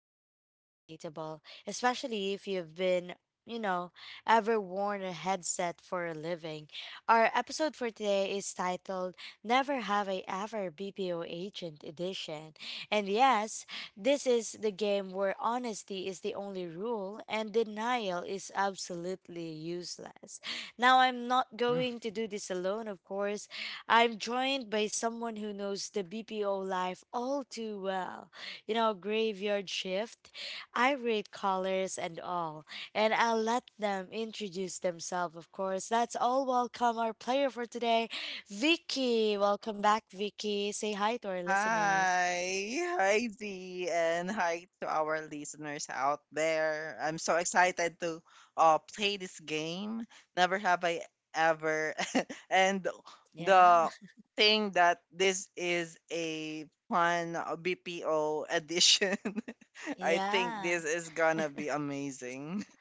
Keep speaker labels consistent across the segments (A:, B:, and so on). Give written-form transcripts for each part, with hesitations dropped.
A: painfully relatable, especially if you've been you know, ever worn a headset for a living. Our episode for today is titled Never Have I Ever BPO Agent Edition. And yes, this is the game where honesty is the only rule and denial is absolutely useless. Now, I'm not
B: Mm.
A: going to do this alone, of course. I'm joined by someone who knows the BPO life all too well. You know, graveyard shift, irate callers, and all. And I'll let them introduce themselves, of course. Let's all welcome our player for today. Vicky, welcome back, Vicky. Say hi to our listeners.
B: Hi, Z, and hi to our listeners out there. I'm so excited to play this game. Never have I ever. and
A: Yeah.
B: the thing that this is a fun BPO edition. I think this
A: Yeah.
B: is gonna be amazing.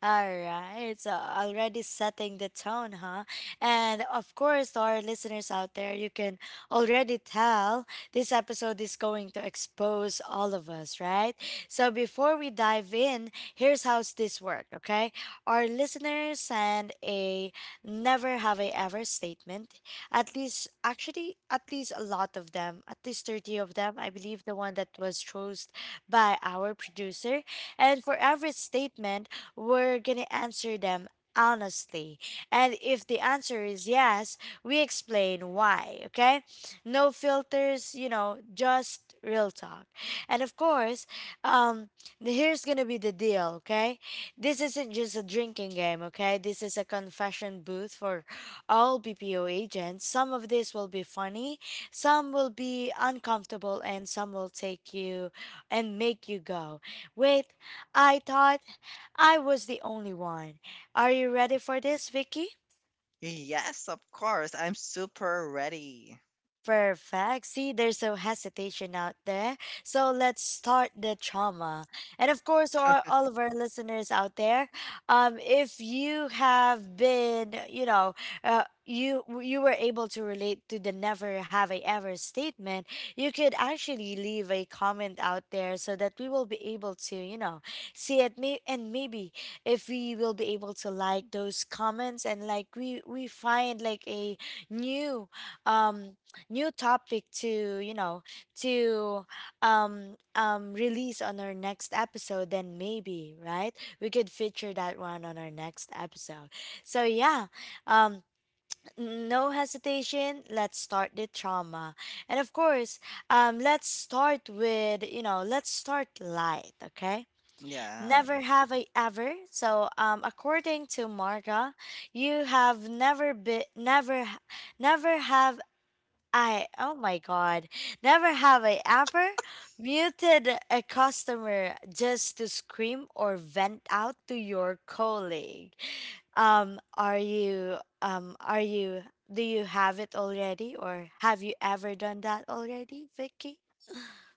A: All right, so already setting the tone, huh? And of course, to our listeners out there, you can already tell this episode is going to expose all of us, right? So before we dive in, here's how this works, okay? Our listeners send a never have I ever statement. At least, actually, at least a lot of them, at least 30 of them, I believe the one that was chosen by our producer. And for every statement, we're gonna answer them honestly. And if the answer is yes, we explain why, okay? No filters, you know, just real talk. And of course, um, here's gonna be the deal, okay? This isn't just a drinking game, okay? This is a confession booth for all BPO agents. Some of this will be funny, some will be uncomfortable, and some will take you and make you go, wait, I thought I was the only one. Are you ready for this, Vicky?
B: Yes, of course. I'm super ready.
A: Perfect. See, there's no hesitation out there. So let's start the trauma. And of course, all of our listeners out there, if you have been, you know, you were able to relate to the never have I ever statement, you could actually leave a comment out there so that we will be able to, you know, see it. Maybe if we will be able to like those comments and like we find like a new um new topic to you know to release on our next episode, then maybe, right, we could feature that one on our next episode. So yeah, um no hesitation, let's start the trauma. And of course, let's start with, you know, let's start light, okay?
B: Yeah.
A: Never have I ever, so according to Marga, you have never been never h- never have I oh my god, never have I ever muted a customer just to scream or vent out to your colleague. Are you do you have it already or have you ever done that already, Vicky?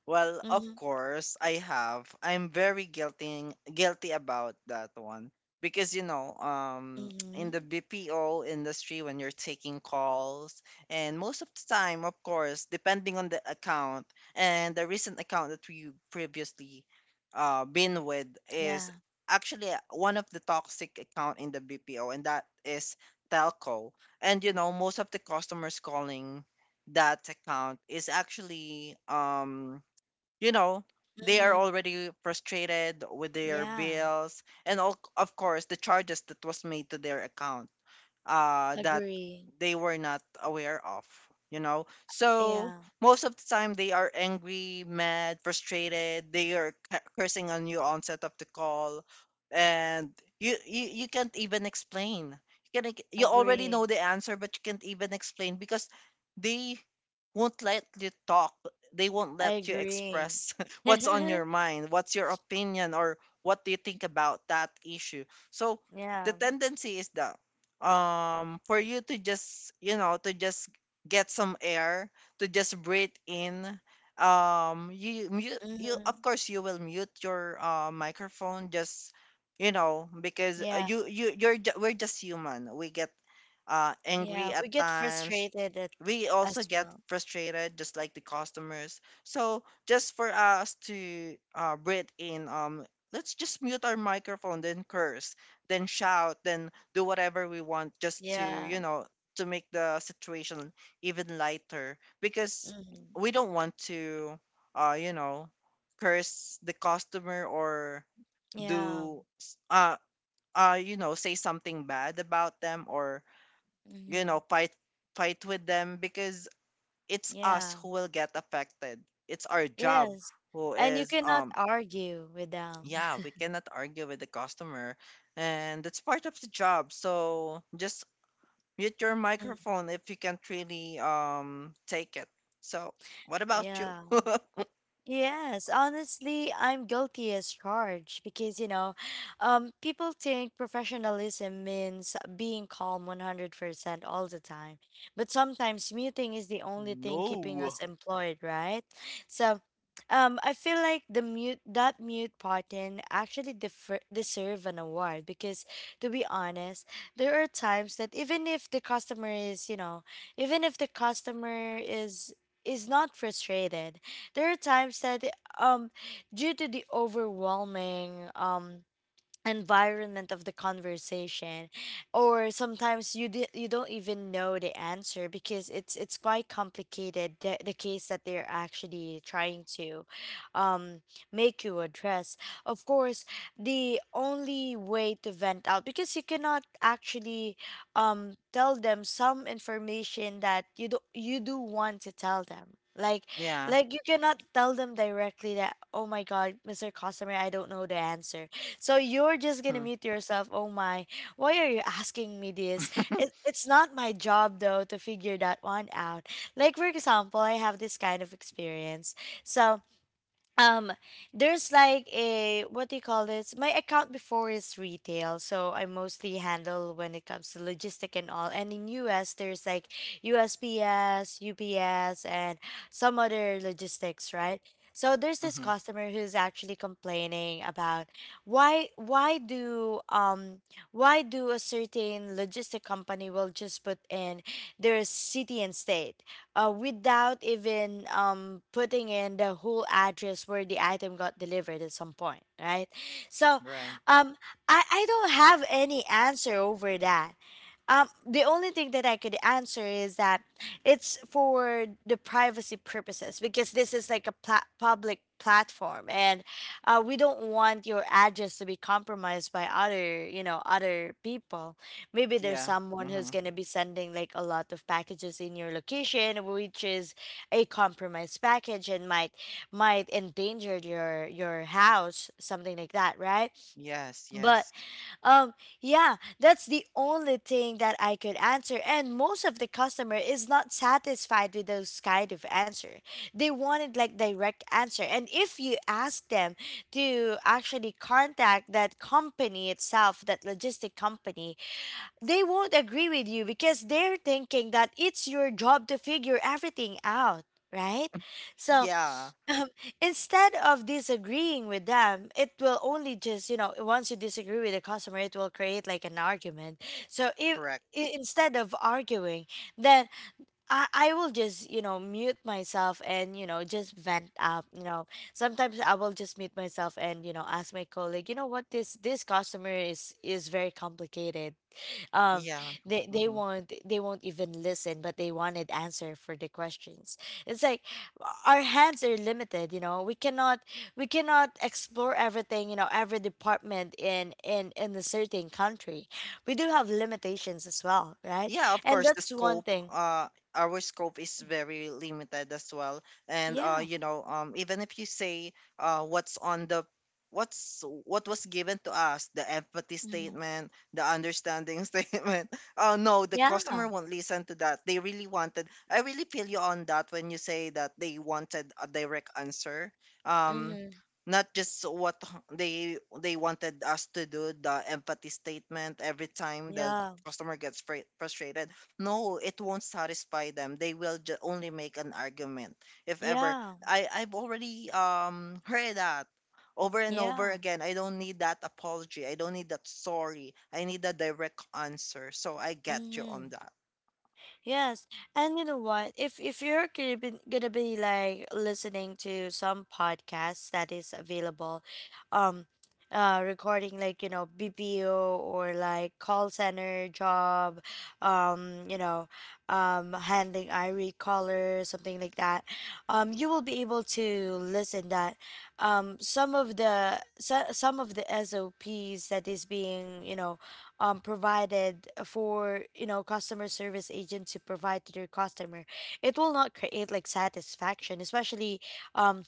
B: Well, of
A: Mhm.
B: course, I have. I'm very guilty about that one because you know, in
A: Mhm.
B: the BPO industry, when you're taking calls, and most of the time, of course, depending on the account and the recent account that we previously been with is
A: Yeah.
B: actually one of the toxic account in the BPO, and that is telco. And you know, most of the customers calling that account is actually you know, they are
A: Mhm.
B: already frustrated with their
A: Yeah.
B: bills and all, of course the charges that was made to their account that
A: Agree.
B: they were not aware of, you know. So
A: Yeah.
B: most of the time they are angry, mad, frustrated, they are cursing on you onset of the call, and you can't even explain. You can like, you already know
A: Agree.
B: the answer, but you can't even explain because they won't let you talk, they won't
A: I
B: let you
A: agree.
B: express what's on your mind, what's your opinion, or what do you think about that issue. So the
A: Yeah.
B: tendency is that for you to just, you know, to just get some air, to just breathe in. You mute, you of
A: Mhm.
B: course you will mute your microphone just, you know, because
A: Yeah.
B: you're we're just human, we get angry
A: Yeah,
B: at
A: we get
B: times.
A: frustrated
B: We also
A: as
B: get
A: well.
B: frustrated just like the customers, so just for us to breathe in, let's just mute our microphone then curse, then shout, then do whatever we want just to,
A: Yeah.
B: you know, to make the situation even lighter because
A: Mm-hmm.
B: we don't want to you know curse the customer or
A: Yeah.
B: do you know, say something bad about them, or you
A: Mm-hmm.
B: know, fight with them because it's us
A: Yeah.
B: who will get affected, it's our job
A: Yes.
B: who
A: And you
B: is
A: cannot argue with them.
B: yeah, we cannot argue with the customer, and that's part of the job. So just mute your
A: Mm.
B: microphone if you can't really take it. So, what about you?
A: Yeah. Yes, honestly, I'm guilty as charged because, you know, people think professionalism means being calm 100% all the time. But sometimes muting is the only thing keeping us
B: No.
A: employed, right? So, I feel like the mute button actually deserve an award because, to be honest, there are times that even if the customer is, you know, even if the customer is not frustrated, there are times that um due to the overwhelming environment of the conversation, or sometimes you don't even know the answer because it's quite complicated, the case that they're actually trying to um make you address. Of course, the only way to vent out, because you cannot actually tell them some information that you do want to tell them, like
B: Yeah.
A: like you cannot tell them directly that, oh my god, Mr. Customer, I don't know the answer, so you're just gonna
B: Hmm.
A: mute yourself. Oh my, why are you asking me this? It's not my job though to figure that one out. Like for example, I have this kind of experience. So um there's like a, what do you call this, my account before is retail, so I mostly handle when it comes to logistic and all, and in US there's like USPS, UPS, and some other logistics, right? So there's this
B: Mm-hmm.
A: customer who's actually complaining about why why do um why do a certain logistic company will just put in their city and state, without even putting in the whole address where the item got delivered at some point, right? So
B: Right.
A: um, I don't have any answer over that. The only thing that I could answer is that it's for the privacy purposes, because this is like a public platform, and we don't want your address to be compromised by other, you know, other people. Maybe there's
B: Yeah.
A: someone who's
B: Mm-hmm.
A: gonna be sending like a lot of packages in your location, which is a compromised package and might endanger your house, something like that, right?
B: Yes.
A: But
B: Yes.
A: um, yeah, that's the only thing that I could answer. And most of the customer is not satisfied with those kind of answer. They wanted like direct answer. And if you ask them to actually contact that company itself, that logistic company, they won't agree with you because they're thinking that it's your job to figure everything out. Right? So
B: Yeah.
A: um, instead of disagreeing with them, it will only just, you know, once you disagree with the customer, it will create like an argument. So if
B: Correct.
A: I- instead of arguing, then I will just, you know, mute myself and, you know, just vent out. You know, sometimes I will just mute myself and, you know, ask my colleague, you know what, this customer is very complicated. um
B: Yeah.
A: they
B: Mm-hmm.
A: won't, they won't even listen, but they wanted answer for the questions. It's like our hands are limited, you know, we cannot, we cannot explore everything, you know, every department in a certain country. We do have limitations as well, right?
B: Yeah, of
A: And
B: course, the
A: that's one
B: scope,
A: thing.
B: our scope is very limited as well. And
A: Yeah.
B: you know, even if you say what's on the what's what was given to us, the empathy
A: Hmm.
B: statement, the understanding statement. Oh no, the
A: Yeah.
B: customer won't listen to that. They really wanted. I really feel you on that when you say that they wanted a direct answer. Um,
A: Hmm.
B: not just what they wanted us to do the empathy statement every time the
A: Yeah.
B: customer gets frustrated. No, it won't satisfy them, they will only make an argument. If ever,
A: Yeah.
B: I've already heard that over and over
A: Yeah.
B: again. I don't need that apology, I don't need that sorry, I need a direct answer. So I get you on
A: Hmm.
B: that.
A: Yes, and you know what? If you're gonna be like listening to some podcasts that is available, um, recording like, you know, BPO or like call center job, you know, handling irate caller, something like that, you will be able to listen that, some of the some of the SOPs that is being, you know, provided for, you know, customer service agent to provide to their customer, it will not create like satisfaction, especially um,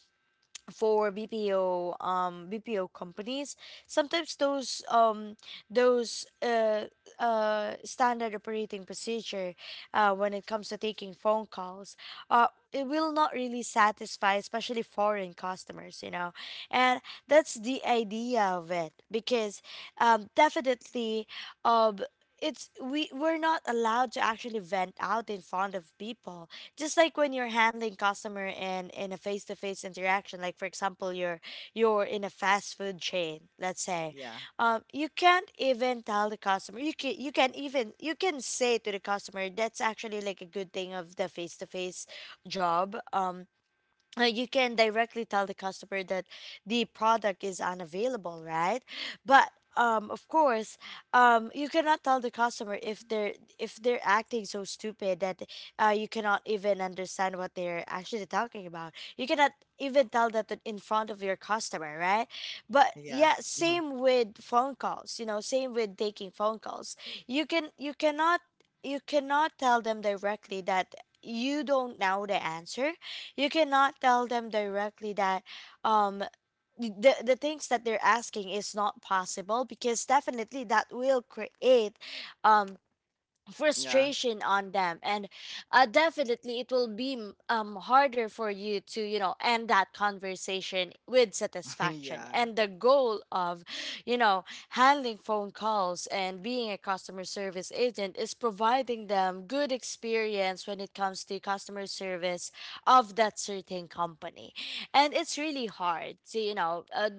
A: for BPO companies. Sometimes those those uh standard operating procedure, when it comes to taking phone calls, uh it will not really satisfy, especially foreign customers, you know. And that's the idea of it, because definitely, um it's, we're not allowed to actually vent out in front of people. Just like when you're handling customer in a face-to-face interaction, like for example, you're in a fast food chain, let's say,
B: Yeah.
A: you can't even tell the customer, you can, you can even you can say to the customer, that's actually like a good thing of the face-to-face job. You can directly tell the customer that the product is unavailable, right? But of course, you cannot tell the customer if they're, if they're acting so stupid that, you cannot even understand what they're actually talking about. You cannot even tell that in front of your customer, right? But
B: Yeah.
A: yeah,
B: Hmm.
A: same with phone calls. You know, same with taking phone calls. You can you cannot tell them directly that you don't know the answer. You cannot tell them directly that um the things that they're asking is not possible, because definitely that will create um
B: Yeah.
A: frustration on them. And definitely it will be harder for you to end that conversation with satisfaction.
B: yeah.
A: And the goal of you know handling phone calls and being a customer service agent is providing them good experience when it comes to customer service of that certain company. And it's really hard to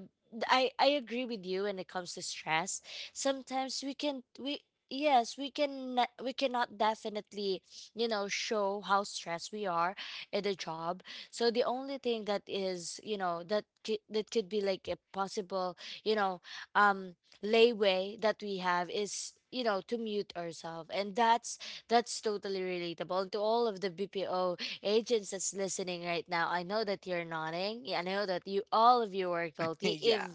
A: I agree with you when it comes to stress. Sometimes we can we yes, we cannot definitely show how stressed we are in the job. So the only thing that is that could be like a possible you know um layway that we have is to mute ourselves, and that's totally relatable. And to all of the bpo agents that's listening right now, I know that you're nodding. I know that you all of you are guilty. If
B: yeah.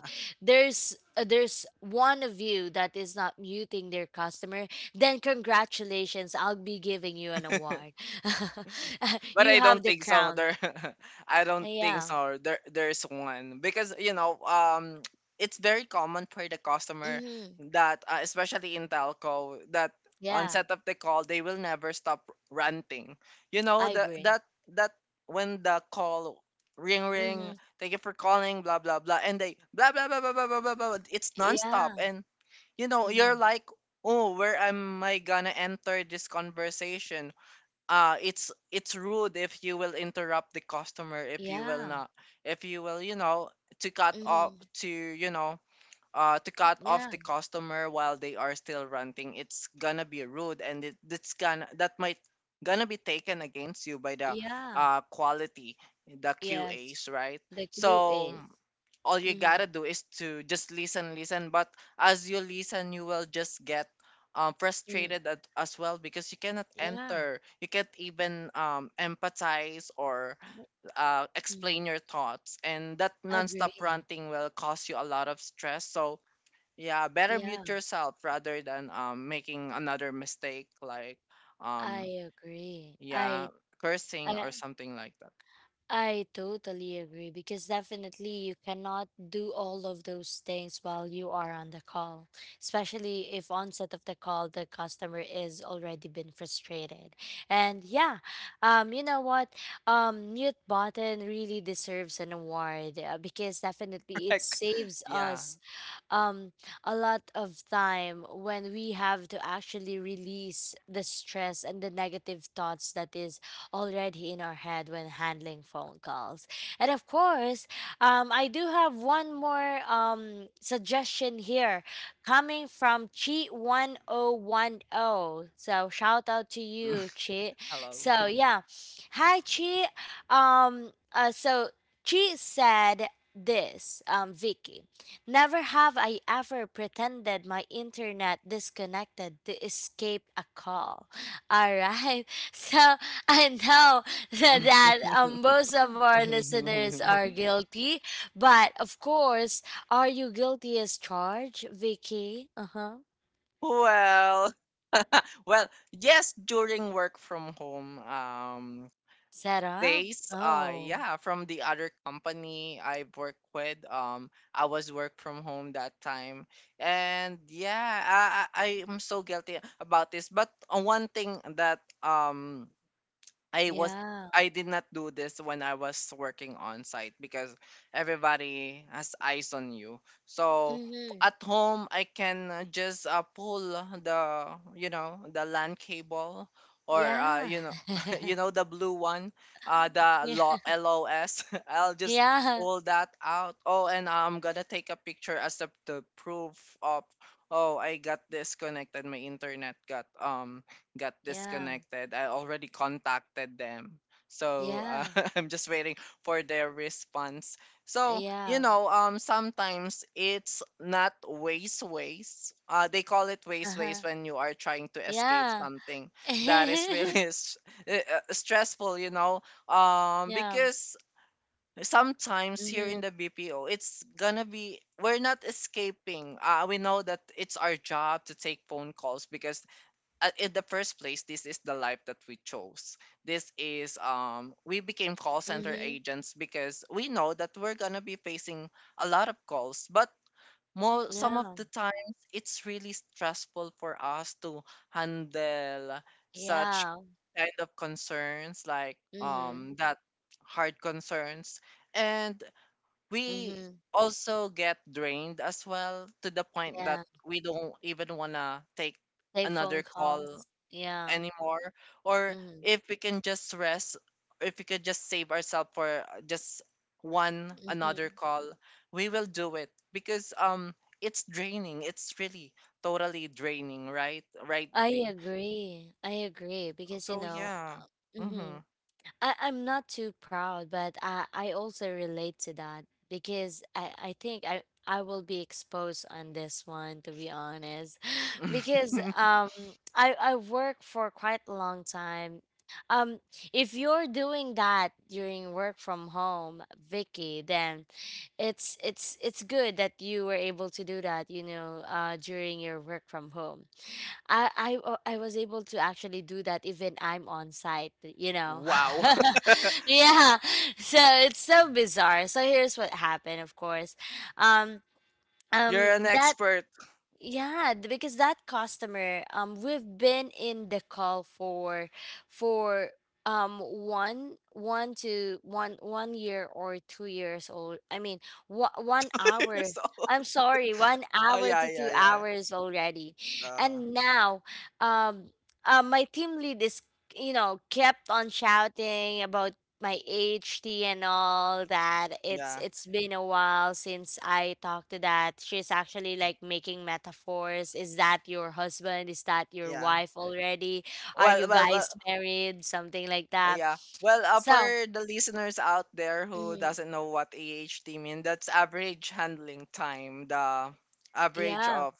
A: there's there's one of you that is not muting their customer, then congratulations, I'll be giving you an award.
B: But
A: You
B: I don't
A: have the
B: think so.
A: crown.
B: There, I don't think
A: Yeah.
B: so. There, there's one because you know, it's very common for the customer
A: Mm-hmm.
B: that, especially in telco, that
A: Yeah,
B: onset of the call they will never stop ranting. You know
A: I
B: the
A: agree.
B: that that when the call ring
A: Mm-hmm.
B: ring, thank you for calling, blah blah blah, and they blah blah blah blah blah blah blah, it's
A: Yeah.
B: nonstop, and you know you're
A: Mm-hmm.
B: like, oh, where am I gonna enter this conversation? It's rude if you will interrupt the customer, if you will
A: Yeah.
B: not, if you will, you know, to cut off,
A: Mm-hmm.
B: to you know, to cut off
A: Yeah,
B: the customer while they are still renting. It's gonna be rude, and it's gonna, that might gonna be taken against you by the
A: yeah,
B: quality, the
A: yes.
B: QAs, right?
A: The cue
B: So
A: is.
B: all you
A: Mm-hmm.
B: gotta do is to just listen, but as you listen you will just get
A: Mm.
B: frustrated as well, because you cannot
A: Yeah.
B: enter, you can't even empathize or
A: Mm.
B: explain your thoughts, and that nonstop
A: Agree.
B: ranting will cause you a lot of stress. So yeah, better
A: Yeah,
B: mute yourself rather than making another mistake like
A: I
B: um
A: agree. I
B: yeah,
A: I
B: cursing or something like that.
A: I totally agree, because definitely you cannot do all of those things while you are on the call, especially if onset of the call the customer is already been frustrated. And yeah, you know what? Mute button really deserves an award, because definitely it
B: Like
A: saves
B: yeah.
A: us um a lot of time when we have to actually release the stress and the negative thoughts that is already in our head when handling phone calls. And of course, I do have one more suggestion here coming from Chi 1010. So shout out to you, Chi.
B: Hello.
A: So yeah. Hi Chi. Um uh so Chi said this, um, Vicky: "Never have I ever pretended my internet disconnected to escape a call." All right. So I know that most of our listeners are guilty, but of course, are you guilty as charged, Vicky? Uh huh.
B: Well, well, yes, during work from home
A: Sarah.
B: days,
A: Oh,
B: yeah, from the other company I worked with, I was work from home that time. And yeah, I am so guilty about this, but one thing that I was
A: yeah.
B: I did not do this when I was working on site because everybody has eyes on you. So
A: Mm-hmm.
B: at home, I can just pull the you know, the LAN cable, or
A: Yeah.
B: you know, you know the blue one, the
A: Yeah.
B: LOS. I'll just
A: Yeah.
B: pull that out. Oh, and I'm gonna take a picture as the proof of, oh I got disconnected. My internet got
A: Yeah.
B: disconnected. I already contacted them. So
A: Yeah.
B: I'm just waiting for their response. So, you
A: Yeah.
B: know, sometimes it's not waste waste. They call it
A: Uh
B: waste
A: huh.
B: waste when you are trying to escape
A: Yeah.
B: something that is really stressful, you know,
A: Yeah.
B: because sometimes here
A: Mhm.
B: in the BPO, it's gonna be, we're not escaping. We know that it's our job to take phone calls because in the first place, this is the life that we chose. This is we became call center
A: Mhm.
B: agents because we know that we're gonna be facing a lot of calls, but more some of
A: Yeah.
B: the times it's really stressful for us to handle such
A: Yeah.
B: kind of concerns like
A: Mhm.
B: that hard concerns, and we
A: Mhm.
B: also get drained as well, to the point
A: Yeah.
B: that we don't even want to take
A: Take phone
B: another
A: calls.
B: call
A: Yeah.
B: anymore, or
A: Mhm.
B: if we can just rest, if we could just save ourselves for just one another
A: Mhm.
B: call, we will do it because it's draining, it's really totally draining, right? Right,
A: I
B: Dee?
A: agree. I agree, because
B: So yeah.
A: Mhm.
B: Mm-hmm.
A: I'm not too proud, but I also relate to that, because I think I will be exposed on this one, to be honest. Because I work for quite a long time. Um if you're doing that during work from home, Vicky, then it's it's good that you were able to do that, you know, uh, during your work from home. I was able to actually do that even I'm on site, you know.
B: Wow.
A: Yeah. So it's so bizarre. So here's what happened, of course. Um
B: You're an
A: that
B: expert.
A: yeah, because that customer, we've been in the call for for um, one one to one one year or 2 years old. I mean, one one
B: You're
A: hour.
B: so, oh
A: I'm sorry, 1 hour
B: yeah,
A: to two
B: yeah, yeah.
A: hours already.
B: Uh-huh.
A: And now, um, my team lead is kept on shouting about my HT and all that.
B: Yeah.
A: It's been a while since I talked to that. She's actually like making metaphors. Is that your husband? Is that your
B: yeah
A: wife already? Are you
B: well,
A: guys married? Something like that.
B: Yeah. Well, for
A: So,
B: the listeners out there who
A: mhm,
B: doesn't know what AHT mean, that's average handling time, the average
A: yeah,
B: of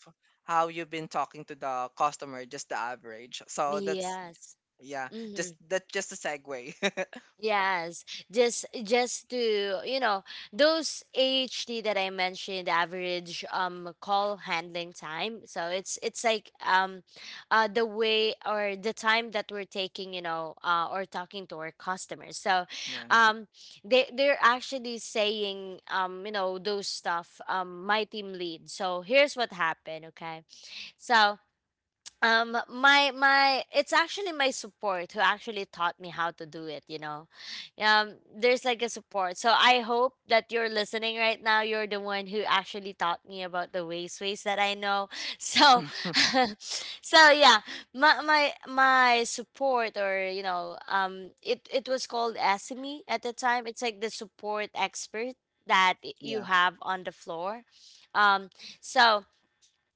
B: how you've been talking to the customer, just the average. So that's
A: yes.
B: yeah, just
A: Mm-hmm.
B: that's just a segue.
A: Yes, just to you know, those AHT that I mentioned, average call handling time. So it's like the way or the time that we're taking, you know, or talking to our customers. So,
B: Yeah.
A: um, they they're actually saying um, you know, those stuff, um, my team lead. So here's what happened. Okay, so my it's actually my support who actually taught me how to do it, you know. There's like a support, so I hope that you're listening right now. You're the one who actually taught me about the ways that I know. So so yeah, my support, or you know, um, it was called SME at the time. It's like the support expert that you
B: Yeah.
A: have on the floor. Um so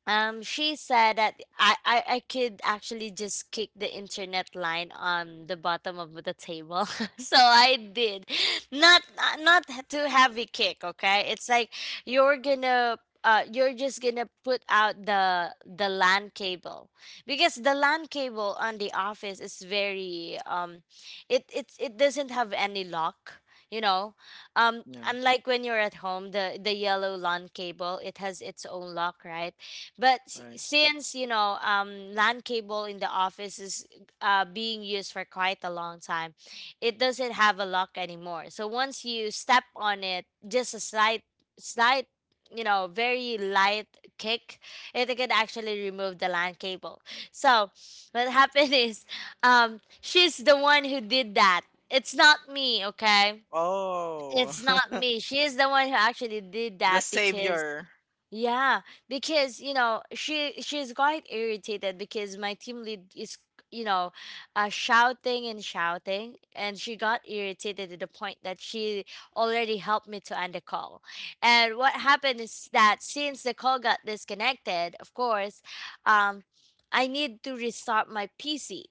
A: she said that I could actually just kick the internet line on the bottom of the table. So I did. Not not too heavy kick, okay? It's like you're gonna you're just gonna put out the LAN cable, because the LAN cable on the office is very um, it doesn't have any lock, you know. Um,
B: Yeah.
A: unlike when you're at home, the yellow LAN cable, it has its own lock, right? But
B: Right.
A: since you know, LAN cable in the office is being used for quite a long time, it doesn't have a lock anymore. So once you step on it, just a slight, slight, you know, very light kick, it can actually remove the LAN cable. So what happened is, she's the one who did that. It's not me, okay?
B: Oh,
A: It's not me. She is the one who actually did
B: the
A: that, because
B: savior.
A: yeah, because you know she she's quite irritated because my team lead is you know shouting and shouting, and she got irritated to the point that she already helped me to end the call. And what happened is that since the call got disconnected, of course, um, I need to restart my PC,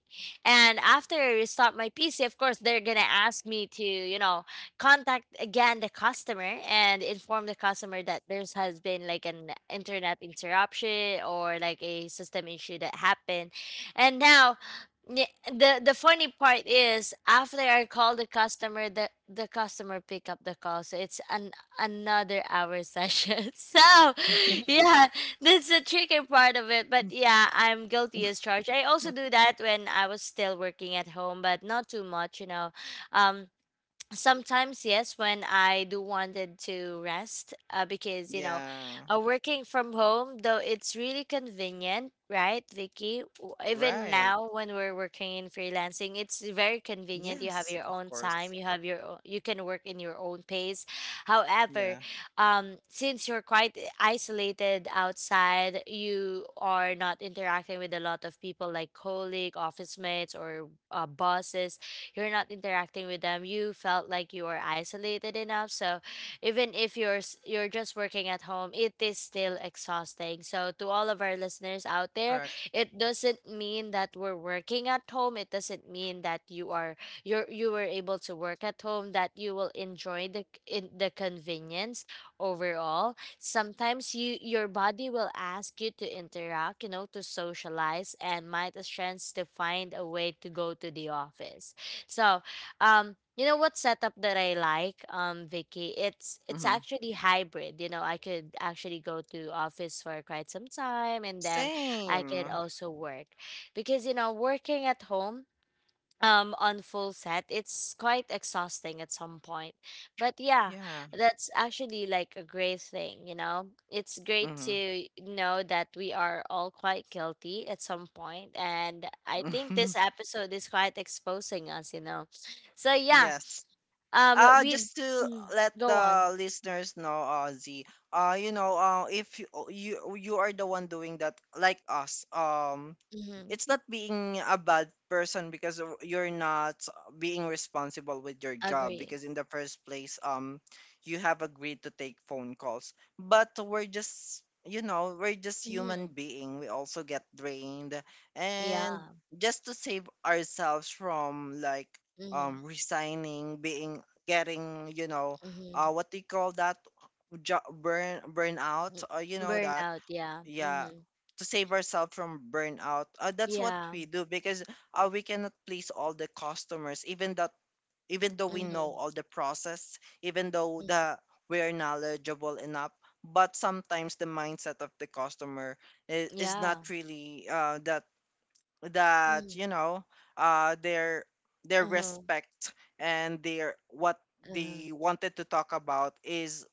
A: and after I restart my PC, of course they're gonna ask me to, you know, contact again the customer and inform the customer that there's has been like an internet interruption or like a system issue that happened. And now yeah, the funny part is after I call the customer, the customer pick up the call, so it's an another hour session. So, yeah, that's the tricky part of it. But yeah, I'm guilty as charged. I also do that when I was still working at home, but not too much, you know. Um, sometimes yes when I do wanted to rest, because you know
B: Yeah.
A: working from home, though it's really convenient, right, Vicky? Even
B: Right.
A: now when we're working in freelancing, it's very convenient. You have
B: Yes,
A: your
B: of
A: own time,
B: course.
A: you have your own, you can work in your own pace. However,
B: Yeah.
A: um, since you're quite isolated outside, you are not interacting with a lot of people like colleague, office mates, or bosses. You're not interacting with them, you felt like you were isolated enough. So even if you're just working at home, it is still exhausting. So to all of our listeners out there,
B: Correct.
A: it doesn't mean that we're working at home, it doesn't mean that you're you were able to work at home that you will enjoy the in the convenience. Overall, sometimes your body will ask you to interact, you know, to socialize, and might a chance to find a way to go to the office. So, you know what setup that I like, Vicky? It's
B: Mm-hmm.
A: actually hybrid. You know, I could actually go to office for quite some time, and then I could
B: Same.
A: also work, because you know working at home um, on full set, it's quite exhausting at some point. But yeah,
B: Yeah.
A: that's actually like a great thing. You know, it's great
B: Mm-hmm.
A: to know that we are all quite guilty at some point, and I think this episode is quite exposing us, you know. So yeah,
B: Yes.
A: um, we,
B: Just to
A: mm,
B: let
A: go on.
B: the listeners know, Ozzy. Z, you know, if you are the one doing that, like us,
A: Mm-hmm.
B: it's not being a bad person because you're not being responsible with your job
A: Agree.
B: because in the first place you have agreed to take phone calls, but we're just, you know, we're just
A: Mm-hmm.
B: human being, we also get drained, and
A: Yeah.
B: just to save ourselves from like
A: Mm-hmm.
B: resigning, being getting, you know,
A: Mm-hmm.
B: what do you call that, burnout,
A: Mm,
B: you know that,
A: burnout, yeah.
B: yeah,
A: Mm-hmm.
B: to save ourselves from burnout. That's what
A: Yeah.
B: we do because we cannot please all the customers, even that, even though we
A: Mm-hmm.
B: know all the process, even though
A: Mm-hmm.
B: the we're knowledgeable enough, but sometimes the mindset of the customer is
A: Yeah.
B: not really that
A: Mm-hmm.
B: you know, uh, their their
A: Uh-huh.
B: respect, and their what
A: Uh-huh.
B: they wanted to talk about is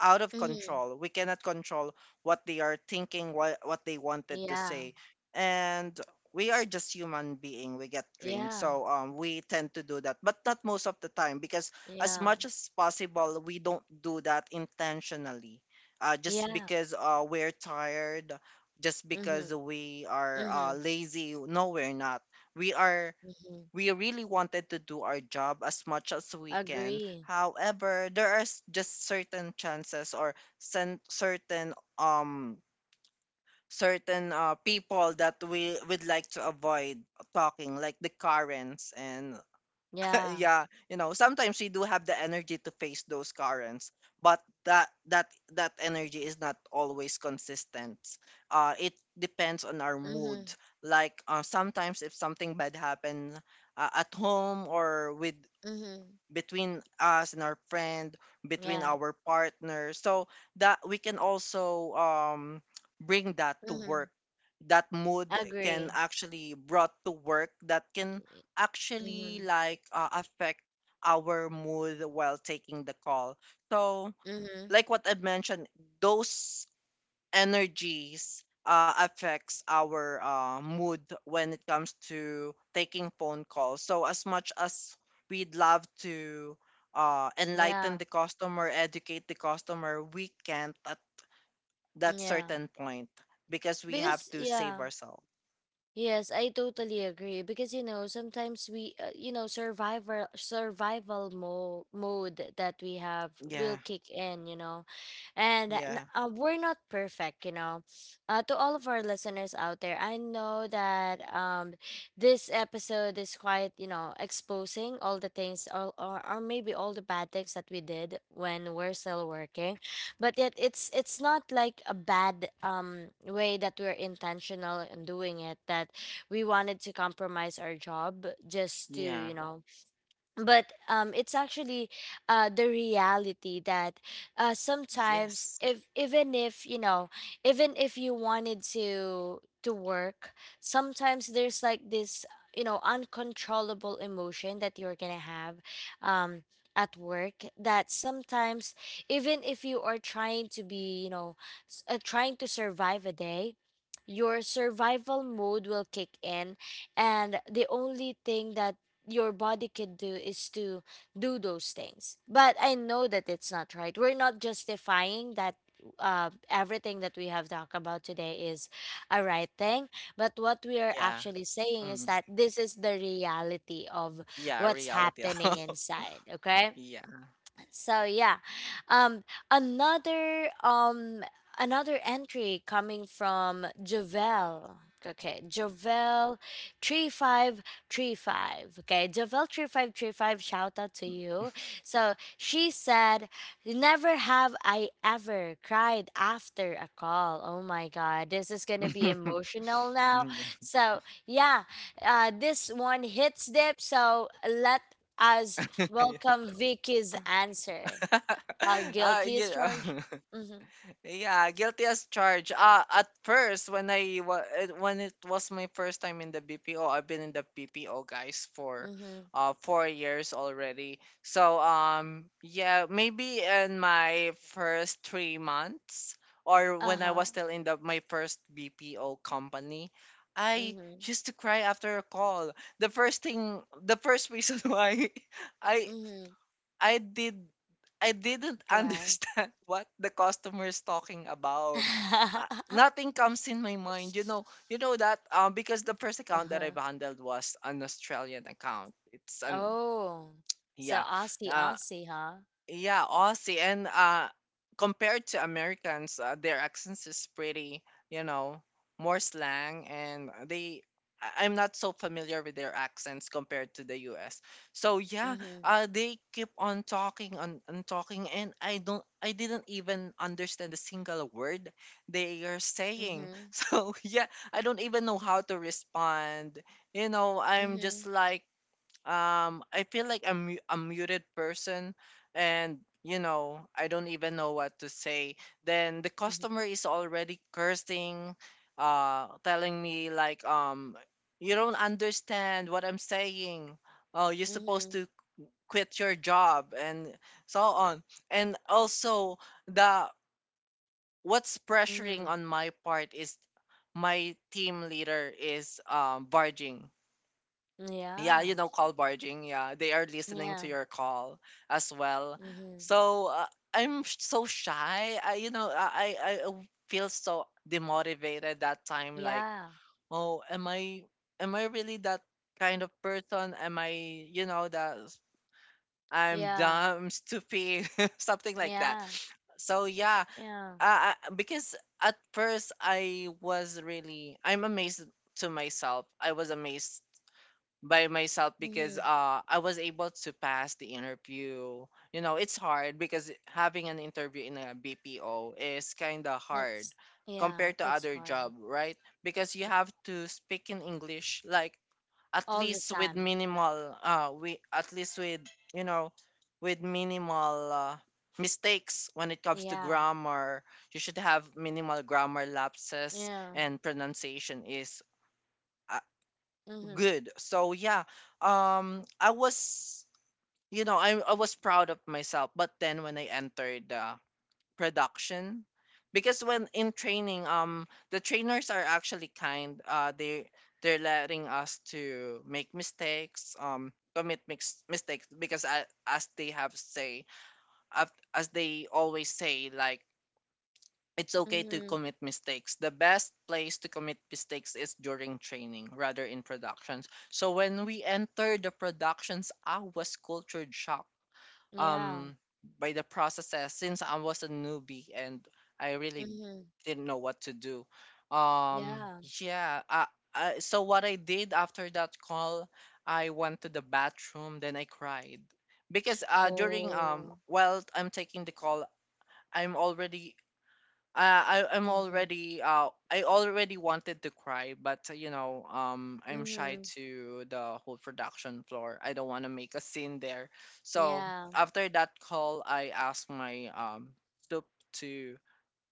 B: out of
A: Mm-hmm.
B: control. We cannot control what they are thinking, what they wanted to
A: Yeah.
B: say, and we are just human being. We get drained,
A: Yeah.
B: so we tend to do that, but not most of the time, because as
A: Yeah.
B: much as possible, we don't do that intentionally. Just
A: Yeah.
B: because we're tired, just
A: Mm-hmm.
B: because we are
A: Mm-hmm.
B: lazy. No, we're not. We are
A: Mm-hmm.
B: we really wanted to do our job as much as we can.
A: Agree.
B: However, there are just certain chances or certain certain people that we would like to avoid talking, like the Karens, and
A: Yeah.
B: yeah, you know, sometimes we do have the energy to face those currents, but that energy is not always consistent. It depends on our mood.
A: Mm-hmm.
B: Like sometimes if something bad happen at home, or with,
A: Mm-hmm.
B: between us and our friend, between
A: Yeah.
B: our partner. So that we can also bring that to
A: Mm-hmm.
B: work. That mood can
A: Agree.
B: actually brought to work, that can
A: Mm-hmm.
B: actually like affect our mood while taking the call. So
A: Mm-hmm.
B: like what I mentioned, those energies affects our mood when it comes to taking phone calls. So as much as we'd love to enlighten
A: Yeah.
B: the customer, educate the customer, we can't at that
A: Yeah.
B: certain point because we have
A: Because
B: to save
A: yeah.
B: ourselves.
A: Yes, I totally agree, because you know sometimes we you know survival mode that we have will
B: Yeah,
A: kick in, you know. And
B: yeah,
A: we're not perfect, you know. To all of our listeners out there, I know that this episode is quite, you know, exposing all the things, or maybe all the bad things that we did when we're still working. But yet it's not like a bad way, that we're intentional in doing it, that we wanted to compromise our job just to, you
B: yeah.
A: know, but it's actually the reality that sometimes
B: Yes.
A: if even if you know, even if you wanted to work, sometimes there's like this you know uncontrollable emotion that you're gonna have um, at work, that sometimes even if you are trying to be you know trying to survive a day, your survival mode will kick in, and the only thing that your body could do is to do those things. But I know that it's not right. We're not justifying that everything that we have talked about today is a right thing. But what we are
B: Yeah.
A: actually saying is
B: Mm.
A: that this is the reality of
B: Yeah,
A: what's
B: reality.
A: happening inside. Okay.
B: yeah.
A: So yeah, um, another um, another entry coming from Javel. Okay, Javel 3535. Okay, Javel 3535. Shout out to you. So she said, "Never have I ever cried after a call." Oh my God, this is gonna be emotional now.
B: yeah.
A: So yeah, this one hits deep. So let us
B: yeah.
A: welcome Vicky's answer. Our
B: You
A: guiltiest
B: know.
A: charge. Mhm.
B: Yeah, guilty as charged. At first, when it was my first time in the BPO, I've been in the BPO guys for
A: Mhm.
B: 4 years already. So yeah, maybe in my first 3 months or when I was
A: Uh-huh.
B: still in the my first BPO company, I
A: Mhm.
B: used to cry after a call. The first reason why I
A: Mhm.
B: I did I didn't
A: Right.
B: understand what the customer's talking about. Nothing comes in my mind. You know that because the first account that
A: uh-huh.
B: I've handled was an Australian account. It's an
A: Oh. So
B: yeah.
A: Aussie
B: Uh,
A: Aussie, huh?
B: yeah, Aussie and compared to Americans, their accents is pretty, you know, more slang and they I'm not so familiar with their accents compared to the US. So yeah,
A: Mhm.
B: they keep on talking on talking and I didn't even understand a single word they are saying.
A: Mhm.
B: So yeah, I don't even know how to respond. You know, I'm just
A: Mhm.
B: like I feel like a muted person, and you know, I don't even know what to say. Then the
A: Mhm.
B: customer is already cursing, telling me like, you don't understand what I'm saying. Oh, you're supposed
A: Mhm.
B: to quit your job and so on. And also the what's pressuring
A: Mhm.
B: on my part is my team leader is barging yeah,
A: Yeah.
B: you know, call barging. Yeah, they are listening
A: Yeah.
B: to your call as well.
A: Mhm.
B: So so shy. I, you know, I feel so demotivated that time. Like,
A: Yeah.
B: oh, am I, am I really that kind of person? Am I, you know, that I'm
A: Yeah.
B: dumb, stupid, something like that.
A: Yeah.
B: So yeah,
A: Yeah.
B: because at first I'm amazed to myself. I was amazed by myself because
A: Mhm.
B: I was able to pass the interview. You know, it's hard because having an interview in a BPO is kind of hard
A: It's yeah,
B: compared to
A: it's
B: other
A: hard
B: job, right? Because you have to speak in English like at
A: all the
B: least with
A: time.
B: minimal we at least with you know with minimal mistakes when it comes to
A: Yeah.
B: grammar. You should have minimal grammar lapses
A: Yeah.
B: and pronunciation is uh,
A: Mhm.
B: good. So yeah, um, I was, you know, I was proud of myself. But then when I entered the production, because when in training, the trainers are actually kind. They're letting us to make mistakes. Commit mistakes because as they have say as they always say like it's okay to
A: Mhm.
B: commit mistakes. The best place to commit mistakes is during training rather in productions. So when we enter the productions, I was cultured shocked
A: Yeah.
B: um by the processes since I was a newbie and I really
A: Mhm.
B: didn't know what to do. Um
A: Yeah.
B: yeah, so what I did after that call, I went to the bathroom, then I cried because during
A: Oh.
B: while I'm taking the call, I'm already
A: Mhm.
B: I already wanted to cry, but you know I'm shy
A: Mhm.
B: to the whole production floor. I don't want to make a scene there. So
A: Yeah.
B: after that call, I asked my tup to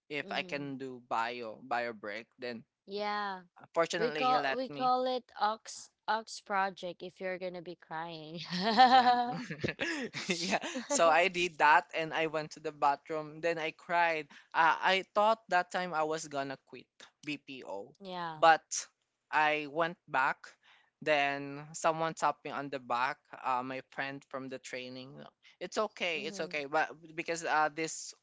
B: if I
A: Mhm.
B: can do bio break. Then
A: Yeah. We
B: fortunately he
A: call
B: let
A: we
B: me.
A: call it Ox Ox Project if you're gonna be crying.
B: Yeah. yeah. So I did that and I went to the bathroom. Then I cried. I thought that time I was gonna quit BPO.
A: Yeah.
B: But I went back. Then someone tapped me on the back, my friend from the training. It's okay, it's
A: Mhm.
B: okay. But because this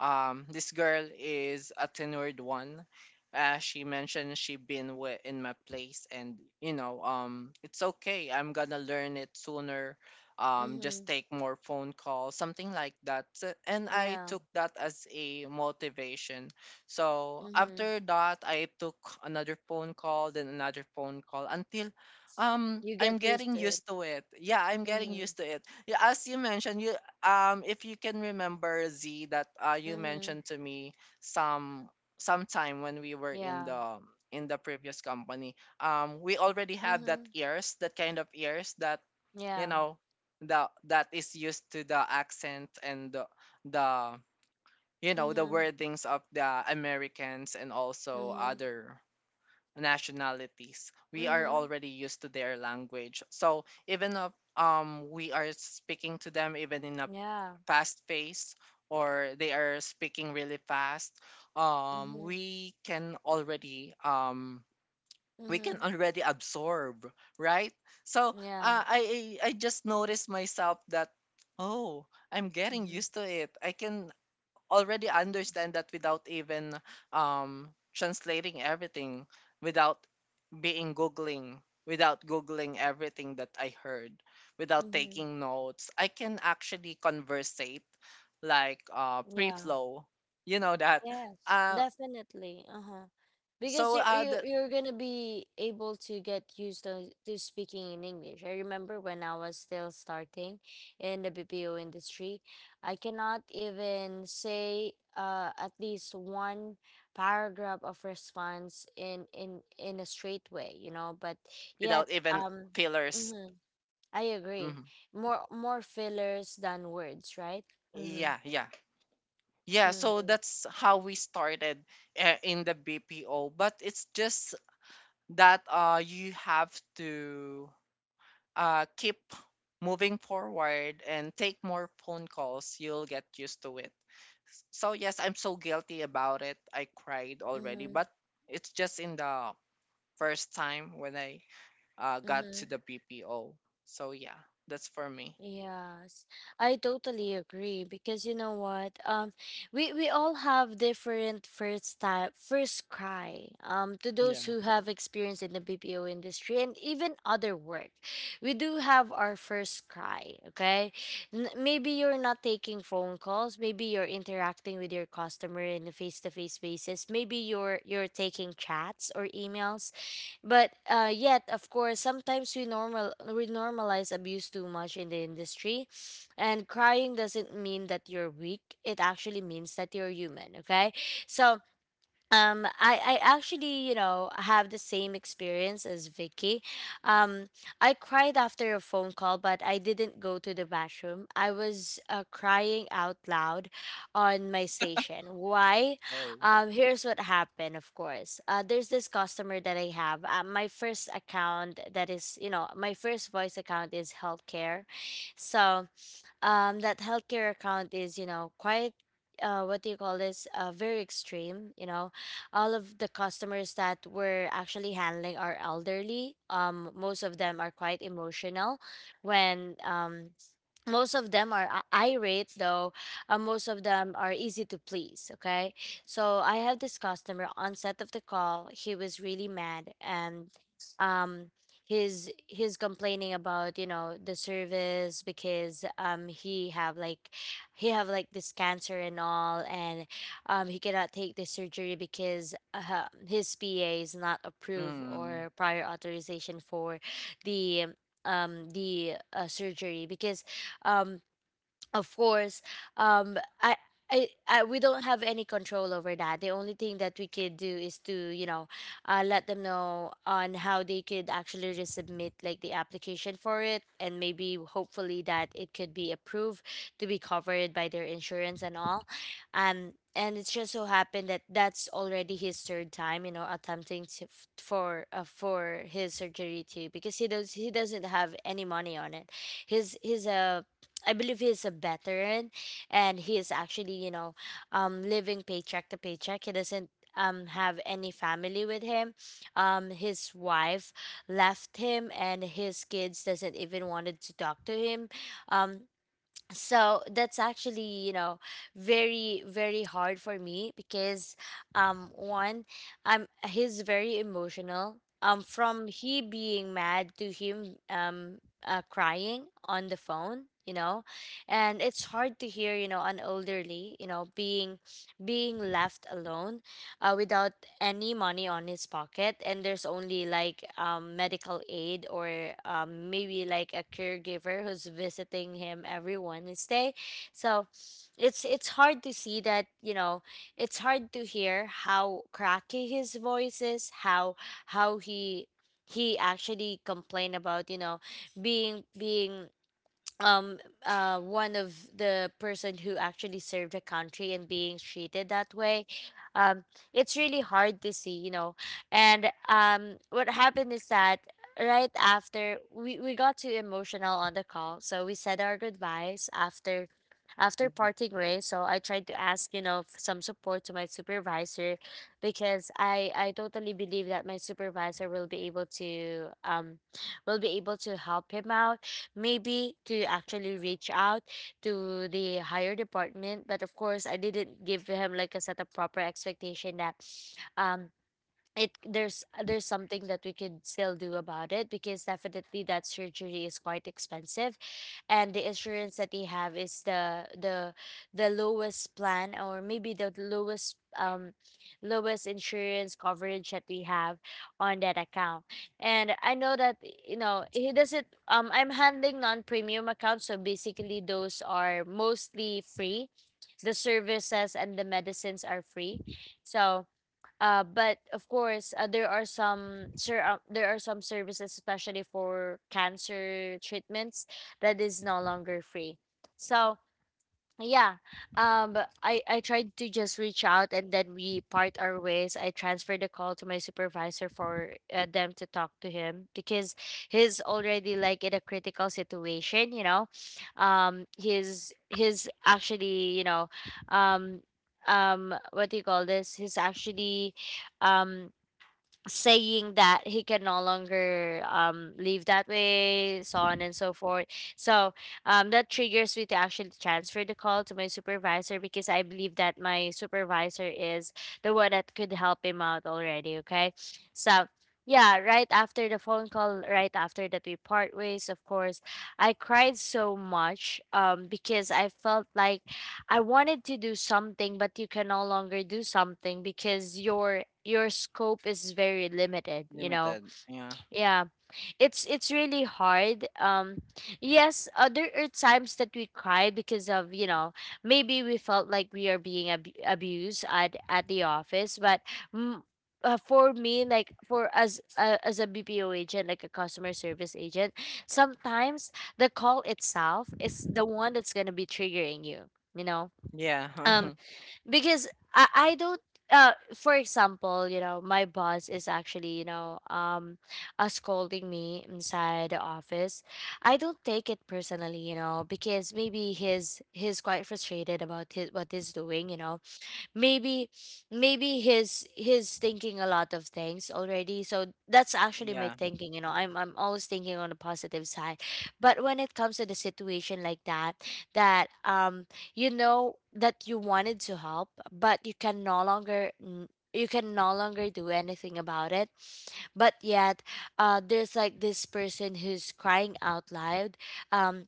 B: um, this girl is a tenured one. She mentioned she in my place, and you know, it's okay. I'm gonna learn it sooner. Just
A: Mhm.
B: take more phone calls, something like that. So- And I
A: Yeah.
B: took that as a motivation. So
A: Mhm.
B: after that, I took another phone call, then another phone call until
A: You
B: I'm
A: get used
B: getting
A: to it.
B: used to it. Yeah, I'm getting
A: Mhm.
B: used to it. Yeah, as you mentioned, you if you can remember Z that you
A: Mhm.
B: mentioned to me some sometime when we were
A: Yeah.
B: in the previous company we already have that
A: Mhm.
B: ears that kind of ears that you
A: Yeah.
B: know the that is used to the accent and the you know the
A: Mhm.
B: wordings of the Americans and also
A: Mhm.
B: other nationalities we are
A: Mhm.
B: already used to their language so even if we are speaking to them even in a
A: Yeah.
B: fast paced or they are speaking really fast um
A: Mhm.
B: we can already um we can
A: Mhm.
B: already absorb right so
A: Yeah.
B: I just noticed myself that oh I'm getting
A: Mhm.
B: used to it I can already understand that without even translating everything without being googling without googling everything that I heard, without
A: Mhm.
B: taking notes, I can actually conversate like
A: Yeah.
B: pre-flow. You know that.
A: Yes,
B: Uh,
A: definitely. Uh-huh. Because
B: so
A: you're,
B: uh,
A: you're,
B: the,
A: you're gonna be able to get used to speaking in English. I remember when I was still starting in the BPO industry, I cannot even say at least one paragraph of response in a straight way, you know, but
B: without
A: yet,
B: even fillers.
A: mhm, I agree.
B: Mhm.
A: More fillers than words, right? Mm-hmm.
B: Yeah, yeah. Yeah, so
A: Mm-hmm.
B: that's how we started in the BPO, but it's just that you have to keep moving forward and take more phone calls, you'll get used to it. So, yes, I'm so guilty about it. I cried already,
A: Mm-hmm.
B: but it's just in the first time when I got
A: Mm-hmm.
B: to the BPO. So, yeah, that's for me.
A: Yes, I totally agree because you know what? We all have different first time first cry. To those
B: Yeah.
A: who have experience in the BPO industry and even other work, we do have our first cry. Okay, N- maybe you're not taking phone calls. Maybe you're interacting with your customer in a face to face basis. Maybe you're taking chats or emails but yet, of course, sometimes we normal we normalize abuse too much in the industry, and crying doesn't mean that you're weak. It actually means that you're human. Okay, so I actually, you know, have the same experience as Vicky. Um, I cried after a phone call, but I didn't go to the bathroom. I was crying out loud on my station. Why?
B: Oh,
A: Here's what happened, of course. There's this customer that I have. My first account that is, you know, my first voice account is healthcare. So, that healthcare account is, you know, quite. What do you call this? Very extreme. You know, all of the customers that we're actually handling are elderly. Most of them are quite emotional when most of them are irate though, most of them are easy to please, okay, so I have this customer. On set of the call he was really mad, and um he's complaining about, you know, the service, because he have like this cancer and all, and he cannot take the surgery because his pa is not approved,
B: Mm.
A: or prior authorization for the the surgery, because um of course um i we don't have any control over that. The only thing that we could do is to, you know, let them know on how they could actually resubmit like the application for it, and maybe hopefully that it could be approved to be covered by their insurance and all. And it just so happened that that's already his third time, you know, attempting to for his surgery too, because he doesn't have any money on it. His I believe he's a veteran, and he is actually, you know, living paycheck to paycheck. He doesn't have any family with him. His wife left him, and his kids doesn't even wanted to talk to him. Um, so that's actually, you know, very very hard for me because one, he's very emotional, from he being mad to him crying on the phone, you know, and it's hard to hear, you know, an elderly, you know, being left alone, without any money on his pocket, and there's only like medical aid or maybe like a caregiver who's visiting him every Wednesday. So it's hard to see that, you know, it's hard to hear how cracky his voice is, how how he he actually complained about, you know, being um one of the person who actually served the country and being treated that way. Um, it's really hard to see, you know. And um, what happened is that right after we got too emotional on the call, so we said our goodbyes after, after
B: Mhm.
A: parting ways. So I tried to ask, you know, some support to my supervisor, because I totally believe that my supervisor will be able to will be able to help him out, maybe to actually reach out to the higher department. But of course, I didn't give him like a set of proper expectation that um it there's something that we could still do about it, because definitely that surgery is quite expensive, and the insurance that they have is the lowest plan, or maybe the lowest lowest insurance coverage that we have on that account. And I know that, you know, he doesn't I'm handling non-premium accounts, so basically those are mostly free, the services and the medicines are free. So but of course, there are some services, especially for cancer treatments, that is no longer free. So yeah, but I tried to just reach out, and then we part our ways. I transferred the call to my supervisor for them to talk to him, because he's already like in a critical situation, you know. He's actually, you know, um what do you call this, he's actually um saying that he can no longer live that way, so on and so forth. So that triggers me to actually transfer the call to my supervisor, because I believe that my supervisor is the one that could help him out already, okay. So yeah, right after the phone call, right after that we part ways, of course, I cried so much, because I felt like I wanted to do something, but you can no longer do something because your scope is very limited, you know.
B: Limited. Yeah.
A: Yeah. It's really hard. Um, yes, there are times that we cry because of, you know, maybe we felt like we are being abused at the office, but mm, for me, like for as a BPO agent, like a customer service agent, sometimes the call itself is the one that's going to be triggering you, you know.
B: Yeah.
A: Um, because I don't for example, you know, my boss is actually, you know, scolding me inside the office, I don't take it personally, you know, because maybe he's quite frustrated about his what he's doing, you know. maybe maybe his thinking a lot of things already. So that's actually my
B: yeah.
A: thinking, you know, I'm always thinking on the positive side. But when it comes to the situation like that, that you know, that you wanted to help, but you can no longer you can no longer do anything about it, but yet there's like this person who's crying out loud, um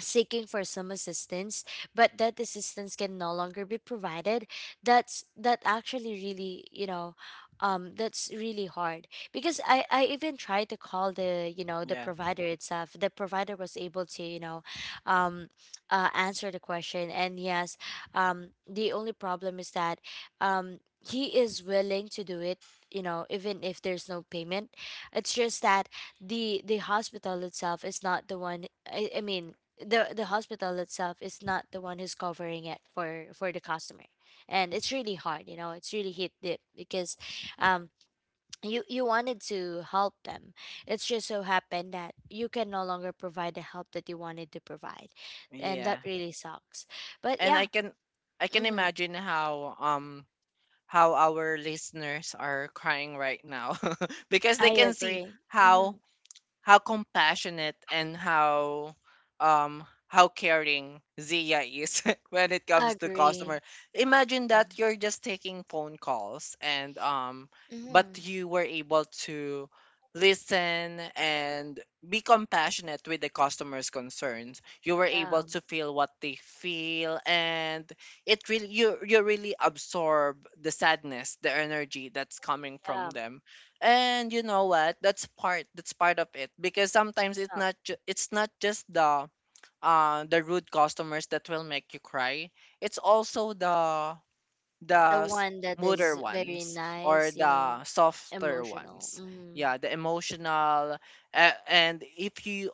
A: seeking for some assistance, but that assistance can no longer be provided. That's that actually really, you know, that's really hard. Because I even tried to call the, you know, the
B: Yeah.
A: provider itself. The provider was able to, you know, um answer the question, and yes, the only problem is that um he is willing to do it, you know, even if there's no payment. It's just that the hospital itself is not the one, I mean, the hospital itself is not the one who's covering it for the customer. And it's really hard, you know. It's really hit deep, because um you, you wanted to help them. It's just so happened that you can no longer provide the help that you wanted to provide, and that
B: Yeah.
A: really sucks. But
B: And
A: yeah.
B: I can
A: Hmm.
B: imagine how our listeners are crying right now because they
A: I
B: can see
A: agree. Mm-hmm.
B: how compassionate and how caring Zia is when it comes to
A: Agree.
B: customer. Imagine that you're just taking phone calls and but
A: Mm-hmm.
B: you were able to listen and be compassionate with the customer's concerns. You were able
A: yeah
B: to feel what they feel and it really you really absorb the sadness, the energy that's coming from
A: yeah
B: them and you know what? That's part. That's part of it because sometimes it's
A: yeah.
B: not. It's not just the rude customers that will make you cry. It's also
A: The
B: the
A: one that
B: smoother
A: is very
B: ones or
A: nice, you know.
B: the softer
A: Emotional.
B: ones.
A: Mm-hmm.
B: Yeah, the emotional. And if you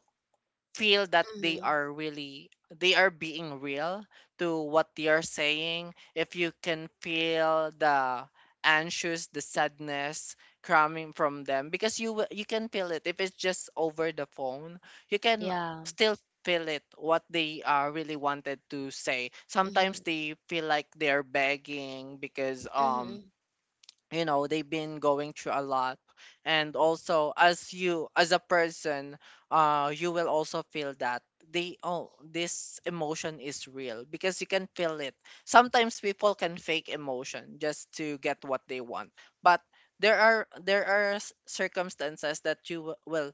B: feel that they
A: Mm-hmm.
B: are really they are being real to what they are saying if you can feel the anxious the sadness coming from them because you can feel it if it's just over the phone you can
A: Yeah.
B: still feel it what they are really wanted to say sometimes
A: Mhm.
B: they feel like they are begging because
A: Mhm.
B: you know they've been going through a lot and also as you as a person you will also feel that they oh this emotion is real because you can feel it sometimes people can fake emotion just to get what they want but there are circumstances that will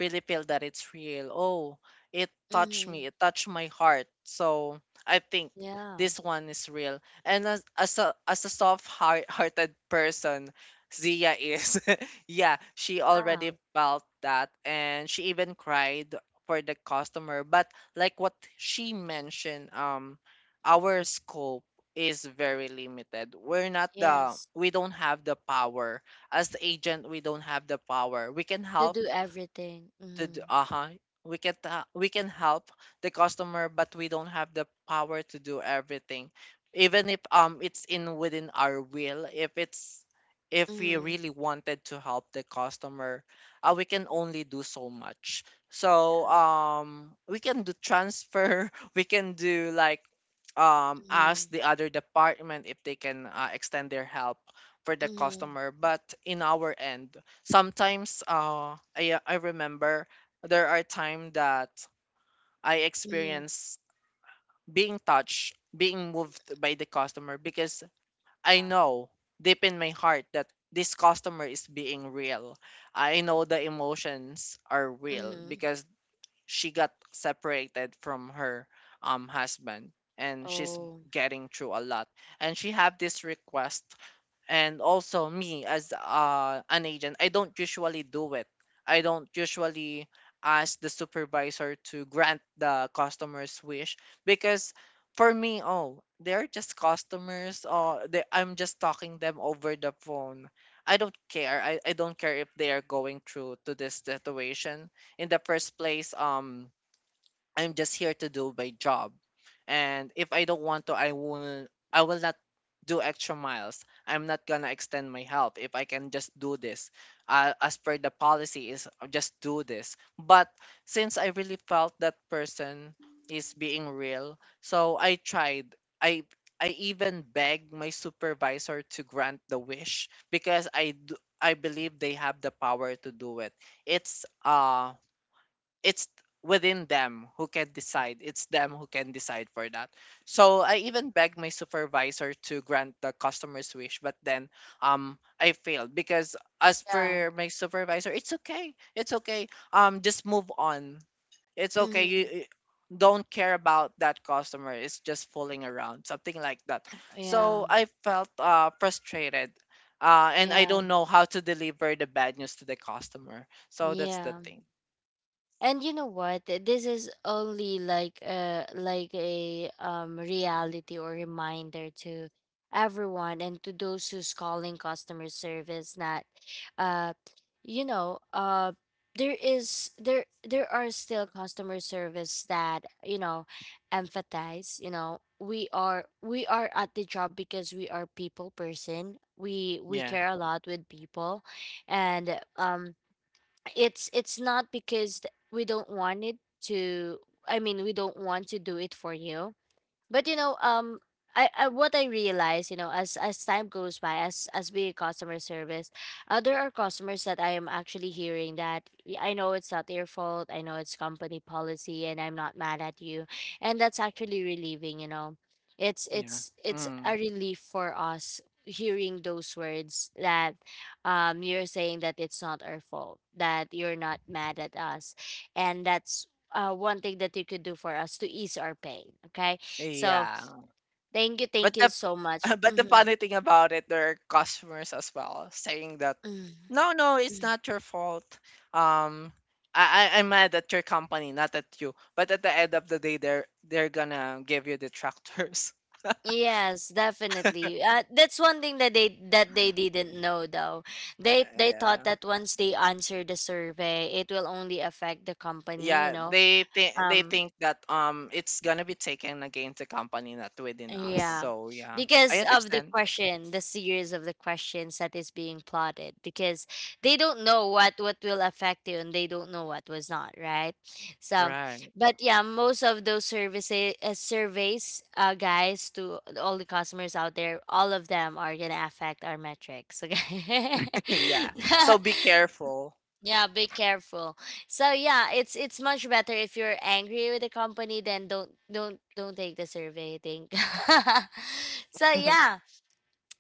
B: really feel that it's real oh it touched me
A: Mhm.
B: it touched my heart so I think
A: Yeah.
B: this one is real and as as a soft heart hearted person, Zia is. yeah, she already
A: Yeah.
B: felt that and she even cried for the customer. But like what she mentioned, our scope is very limited.
A: Yes.
B: We don't have the power. As the agent, we don't have the power. We can
A: To
B: help
A: do everything.
B: to do,
A: Mhm.
B: uh-huh we can help the customer but we don't have the power to do everything even if it's in within our will if it's if we
A: Mhm.
B: really wanted to help the customer we can only do so much so
A: Yeah.
B: we can do transfer we can do like ask
A: Mhm.
B: the other department if they can extend their help for the
A: Mhm.
B: customer but in our end sometimes I remember there are times that I
A: Mhm.
B: experience being touched, being moved by the customer because I
A: Yeah.
B: know deep in my heart that this customer is being real. I know the emotions are real
A: Mhm.
B: because she got separated from her husband and she's
A: Oh.
B: getting through a lot and she have this request and also me as an agent I don't usually do it I don't usually ask the supervisor to grant the customer's wish because for me oh they're just customers Oh, I'm just talking them over the phone I don't care if they are going through to this situation in the first place, I'm just here to do my job, and if I don't want to, I will not do extra miles. I'm not gonna extend my help if I can just do this. As per the policy is just do this. But since I really felt that person is being real, so I tried. I I even begged my supervisor to grant the wish because I do, I believe they have the power to do it. It's uh it's within them who can decide. It's them who can decide for that. So I even begged my supervisor to grant the customer's wish, but then I failed because as
A: Yeah.
B: for my supervisor, it's okay. It's okay. Just move on. It's okay.
A: Mhm.
B: You don't care about that customer. It's just fooling around, something like that. So
A: Yeah.
B: I felt frustrated. And I
A: Yeah.
B: don't know how to deliver the bad news to the customer. So that's the
A: Yeah.
B: thing.
A: And you know what? This is only like a reality or reminder to everyone and to those who's calling customer service that uh you know, there there are still customer service that, you know, empathize, you know. We are at the job because we are people person. We
B: Yeah.
A: care a lot with people. And um, it's not because we don't want it to, I mean, we don't want to do it for you. But you know, I, what I realize, you know, as time goes by, as we customer service, there are customers that I am actually hearing that, "Y- I know it's not your fault, I know it's company policy, and I'm not mad at you, and that's actually relieving. You know, it's
B: Yeah.
A: it's it's a
B: Mm.
A: relief for us hearing those words that you're saying that it's not our fault, that you're not mad at us, and that's one thing that you could do for us to ease our pain. Okay, so
B: Yeah.
A: thank
B: But
A: you
B: the
A: so much.
B: but the
A: Hmm.
B: funny thing about it, there are customers as well saying that
A: Hmm.
B: no, no, it's not your fault. Um I I'm mad at your company, not at you. But at the end of the day they're gonna give you detractors.
A: Yes, definitely. That's one thing that they didn't know though. They they thought
B: Yeah.
A: that once they answer the survey, it will only affect the company. You
B: Yeah.
A: know,
B: They
A: um,
B: think that it's gonna be taken against the company, not within us.
A: yeah,
B: So yeah. I
A: because of the
B: understand.
A: question, the series of the questions that is being plotted, because they don't know what will affect you, and they don't know what was not right. So,
B: Right.
A: but yeah, most of those services surveys, guys, to all the customers out there, all of them are gonna affect our metrics. Okay.
B: Yeah. So be careful.
A: Yeah, be careful. So yeah, it's much better if you're angry with the company, then don't take the survey, I think. So yeah.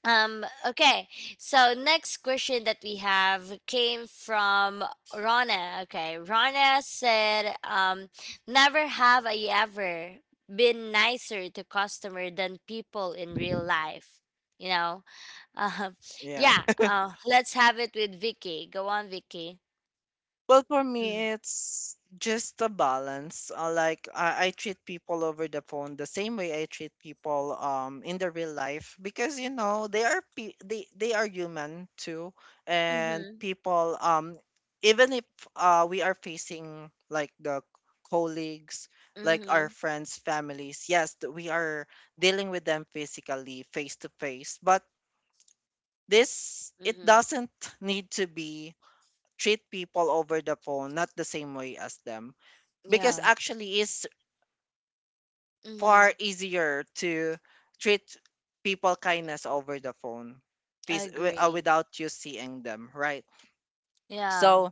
A: Okay. So next question that we have came from Rana. Okay. Rana said, never have I ever been nicer to customer than people in real life. You know? Um
B: Yeah.
A: yeah, let's have it with Vicky. Go on, Vicky.
B: Well, for me, it's just a balance. Like I treat people over the phone the same way I treat people in the real life because you know they are they are human too, and
A: Mhm.
B: people even if we are facing like the colleagues like our
A: Mhm.
B: friends families, yes, we are dealing with them physically face to face, but this it
A: Mhm.
B: doesn't need to be treat people over the phone not the same way as them, because
A: Yeah.
B: actually it's far
A: Mhm.
B: easier to treat people kindness over the phone,
A: I agree.
B: without you seeing them, right?
A: Yeah.
B: So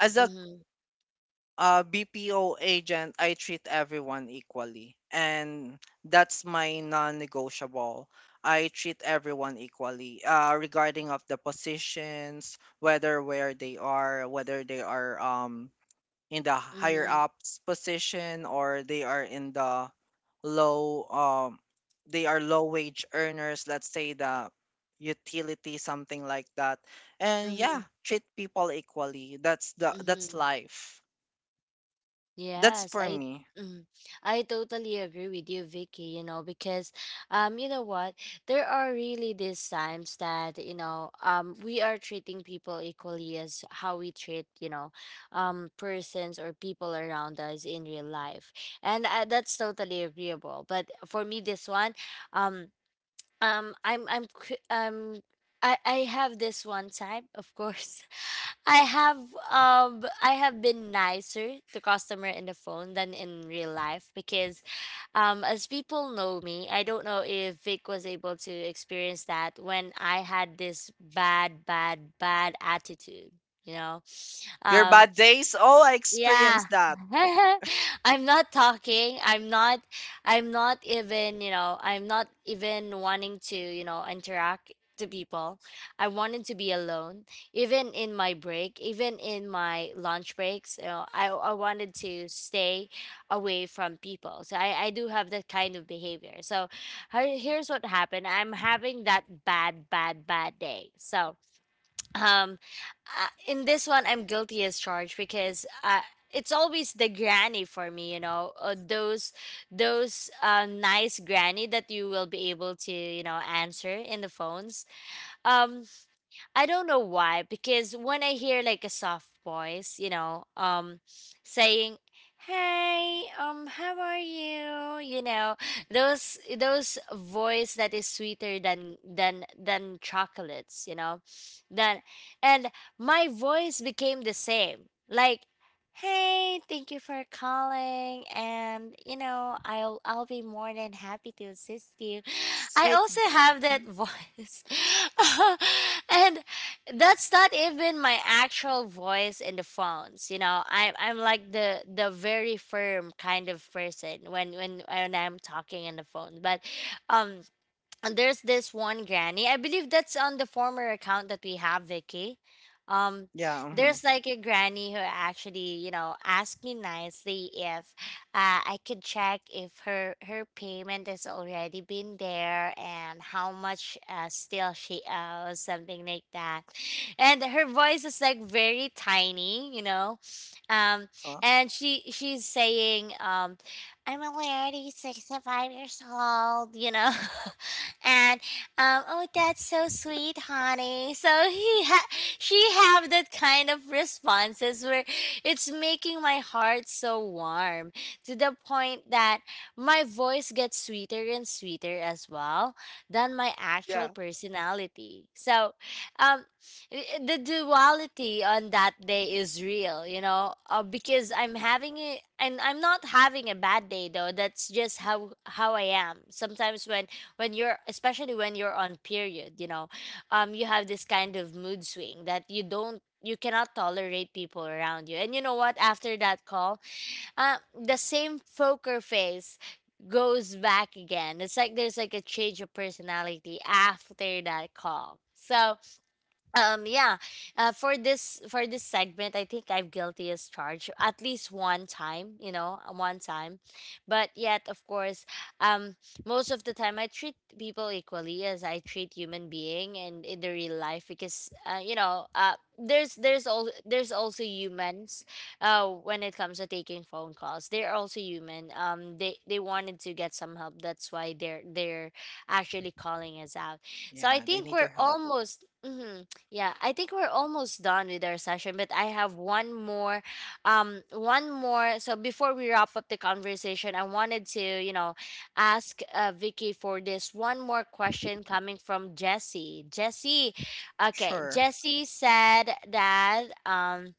B: as a
A: Mhm.
B: BPO agent, I treat everyone equally, and that's my non-negotiable. I treat everyone equally, regarding of the positions, whether where they are, whether they are in the higher
A: Mhm.
B: ups position, or they are in the low, they are low wage earners, let's say the utility, something like that. And yeah,
A: Mhm.
B: treat people equally, that's the that's
A: Mhm.
B: life. That's
A: Yes,
B: for
A: I
B: me.
A: mhm. I totally agree with you, Vicky, you know, because you know what? There are really these times that, we are treating people equally as how we treat, persons or people around us in real life. And that's totally agreeable. But for me this one, um I'm I have this one time, of course. I have I have been nicer to customer in the phone than in real life because as people know me, I don't know if Vic was able to experience that when I had this bad bad bad attitude, you know.
B: Your
A: Um
B: bad days, oh I
A: yeah.
B: experienced that.
A: I'm not talking. I'm not even, you know, I'm not even wanting to, you know, interact to people. I wanted to be alone. Even in my break, even in my lunch breaks, you know, I wanted to stay away from people. So I do have that kind of behavior. So here's what happened. I'm having that bad bad bad day. So um in this one I'm guilty as charged because it's always the granny for me, you know. Those nice granny that you will be able to, you know, answer in the phones. um I don't know why, because when I hear like a soft voice, you know, saying, "Hey, how are you?" You know, those voice that is sweeter than than chocolates, you know, then and my voice became the same, like, "Hey, thank you for calling, and you know, I'll be more than happy to assist you." I
B: Sweet
A: also have that
B: girl.
A: voice. And that's not even my actual voice in the phones, you know. I'm like the very firm kind of person when when I'm talking in the phone, but um and there's this one granny. I believe that's on the former account that we have, Vicky. Um,
B: Yeah. Mhm.
A: there's like a granny who actually, you know, asked me nicely if I could check if her payment has already been there and how much still she owes, something like that. And her voice is like very tiny, you know, um,
B: Huh?
A: and she's saying, "I'm only already 65 years old," you know. And oh, that's so sweet, honey. So she have that kind of responses where it's making my heart so warm, to the point that my voice gets sweeter and sweeter as well than my actual
B: Yeah.
A: personality. So, um, the duality on that day is real, you know, because I'm having it, and I'm not having a bad day though. That's just how I am. Sometimes when you're especially when you're on period, you know, you have this kind of mood swing that you cannot tolerate people around you. And you know what, after that call, uh, the same poker face goes back again. It's like there's like a change of personality after that call. So yeah. For this segment, I think I'm guilty as charged at least one time, you know, one time. But yet, of course, um most of the time I treat people equally as I treat human being and in the real life, because you know, there's all there's also humans. When it comes to taking phone calls, they're also human. They wanted to get some help. That's why they're actually calling us out. So
B: Yeah,
A: I
B: they need
A: think
B: your
A: we're
B: help.
A: almost mhm. Yeah, I think we're almost done with our session, but I have one more, one more. So before we wrap up the conversation, I wanted to, you know, ask Vicky for this one more question coming from Jesse. Jesse, okay,
B: Sure.
A: Jesse said that,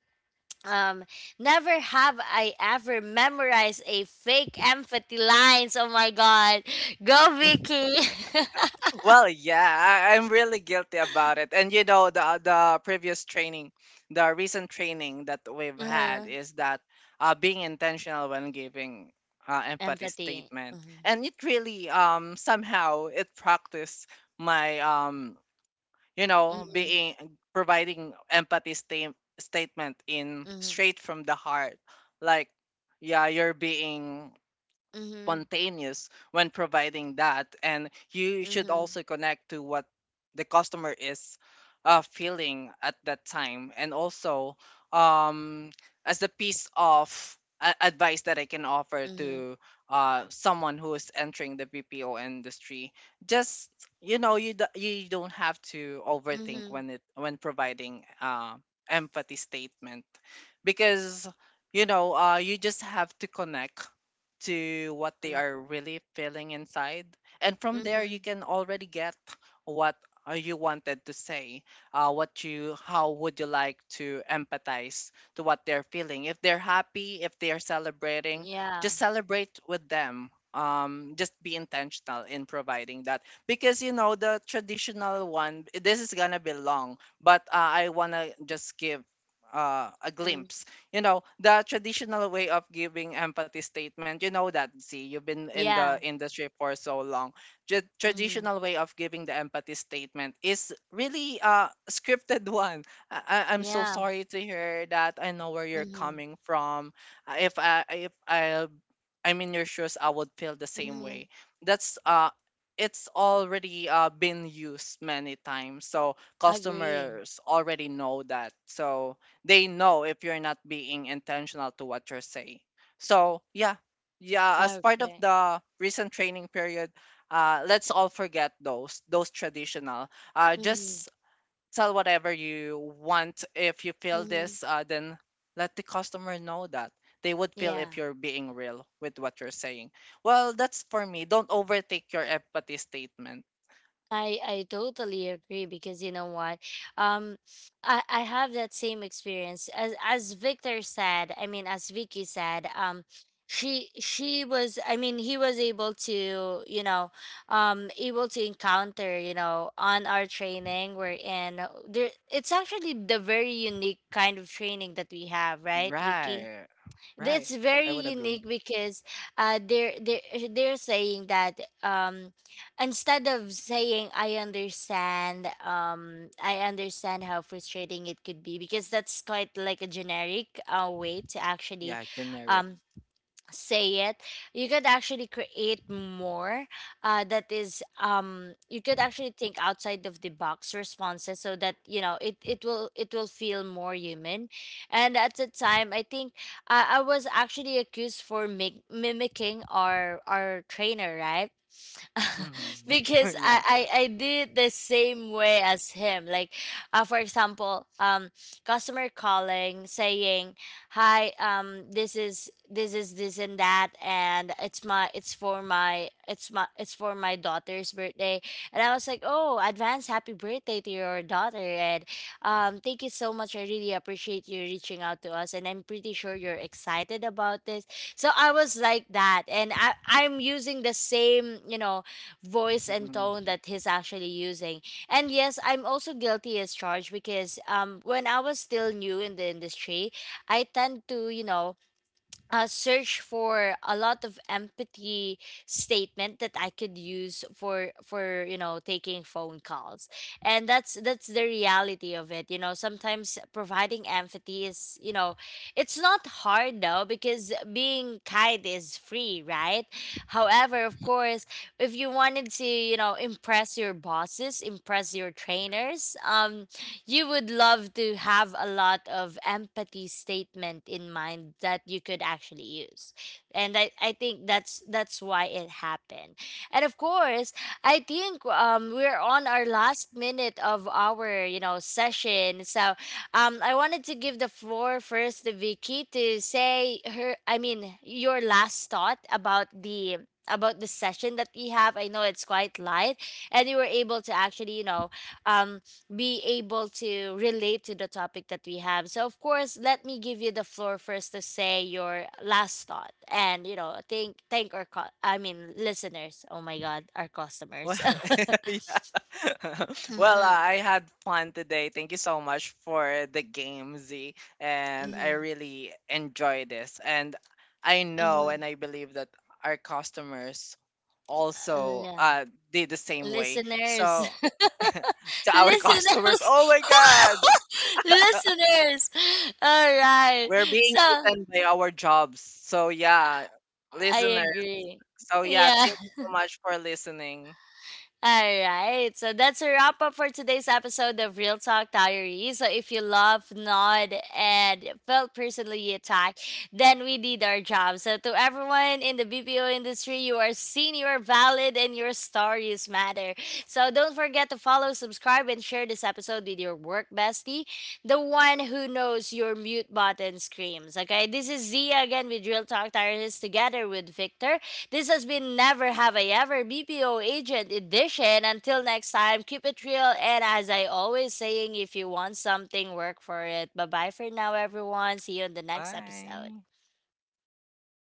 A: um, never have I ever memorized a fake empathy lines. Oh my God, go Vicky.
B: Well, yeah, I'm really guilty about it. And you know, the previous training, the recent training that we've
A: Uh-huh.
B: had is that being intentional when giving empathy
A: Empathy.
B: statement,
A: Mm-hmm.
B: and it really somehow it practiced my you know
A: Mm-hmm.
B: being providing statement in
A: Mm-hmm.
B: straight from the heart, like yeah, you're being
A: Mhm.
B: spontaneous when providing that, and you should
A: Mhm.
B: also connect to what the customer is feeling at that time, and also um, as a piece of advice that I can offer
A: Mhm.
B: to someone who is entering the BPO industry, just you know you, you don't have to overthink
A: Mhm.
B: when it when providing empathy statement, because you know you just have to connect to what they
A: Mhm.
B: are really feeling inside. And from there, you
A: Mhm.
B: can already get what you wanted to say. What you, how would you like to empathize to what they're feeling? If they're happy, if they're celebrating,
A: Yeah.
B: just celebrate with them. Just be intentional in providing that, because you know the traditional one. This is gonna be long, but I wanna just give a
A: Mm.
B: glimpse. You know the traditional way of giving empathy statement, you know that, see you've been in the
A: Yeah.
B: industry for so long.
A: Mhm.
B: Traditional way of giving the empathy statement is really a scripted one. I'm so
A: Yeah.
B: sorry to hear that, I know where you're
A: Mhm.
B: coming from. Uh, if i if I'm in your shoes I would feel the same
A: Mhm.
B: way. That's it's already been used many times, so
A: Agree.
B: customers already know that, so they know if you're not being intentional to what you're saying. So yeah, yeah. As part of
A: Okay.
B: the recent training period, let's all forget those traditional.
A: Mhm.
B: Just sell whatever you want. If you feel
A: Mhm.
B: this, then let the customer know that they would feel
A: Yeah.
B: if you're being real with what you're saying. Well, that's for me. Don't overtake your empathy statement.
A: I totally agree because you know what, um, I have that same experience as Victor said. I mean, as Vicky said, she was. I mean, he was able to, you know, able to encounter, you know, on our training we're in. There, it's actually the very unique kind of training that we have, right, Vicky?
B: Right, right.
A: That's
B: I
A: very
B: would agree.
A: unique because they're saying that instead of saying I understand, I understand how frustrating it could be, because that's quite like a generic way to actually
B: Yeah, generic.
A: um say it, you could actually create more, that is you could actually think outside of the box responses, so that you know it it will feel more human. And at the time, I think I was actually accused for mimicking our trainer, right?
B: Hmm.
A: Because
B: Yeah.
A: I did the same way as him. Like, for example, customer calling saying, "Hi, this is this and that, and it's my it's for my it's for my daughter's birthday." And I was like, "Oh, advance happy birthday to your daughter, and thank you so much. I really appreciate you reaching out to us, and I'm pretty sure you're excited about this." So I was like that, and I'm using the same, you know, voice and
B: Mm-hmm.
A: tone that he's actually using. And yes, I'm also guilty as charged, because when I was still new in the industry, I tend to, you know, search for a lot of empathy statement that I could use for you know, taking phone calls. And that's the reality of it. You know, sometimes providing empathy is, you know, it's not hard though, because being kind is free, right? However, of course, if you wanted to, you know, impress your bosses, impress your trainers, you would love to have a lot of empathy statement in mind that you could actually use. And I think that's why it happened. And of course, I think we're on our last minute of our, you know, session. So I wanted to give the floor first to Vicky to say her I mean your last thought about the session that we have. I know it's quite light, and you were able to actually, you know, um be able to relate to the topic that we have. So, of course, let me give you the floor first to say your last thought, and you know, thank our I mean listeners. Oh my God, our
B: Well,
A: customers.
B: yeah. Well,
A: Mm-hmm,
B: I had fun today. Thank you so much for the game, Z. And I
A: mm-hmm,
B: really enjoy this. And I know
A: mm-hmm.
B: and I believe that our customers also
A: Yeah.
B: did the same way.
A: Listeners,
B: So,
A: listeners,
B: to our customers, oh my God,
A: listeners. All right.
B: we're being
A: So
B: eaten by our jobs. So, yeah,
A: I
B: listeners.
A: agree.
B: So, yeah,
A: Yeah.
B: thank you so much for listening.
A: All right. So that's a wrap up for today's episode of Real Talk Diary. So if you love, nod, and felt personally attacked, then we did our job. So to everyone in the BPO industry, you are seen, you are valid, and your stories matter. So don't forget to follow, subscribe, and share this episode with your work bestie, the one who knows your mute button screams. Okay. This is Zia again with Real Talk Diaries together with Victor. This has been Never Have I Ever BPO Agent Edition. Until next time, keep it real. And as I always saying, if you want something, work for it. Bye bye for now, everyone. See you in the next
B: Bye.
A: episode.
B: See you.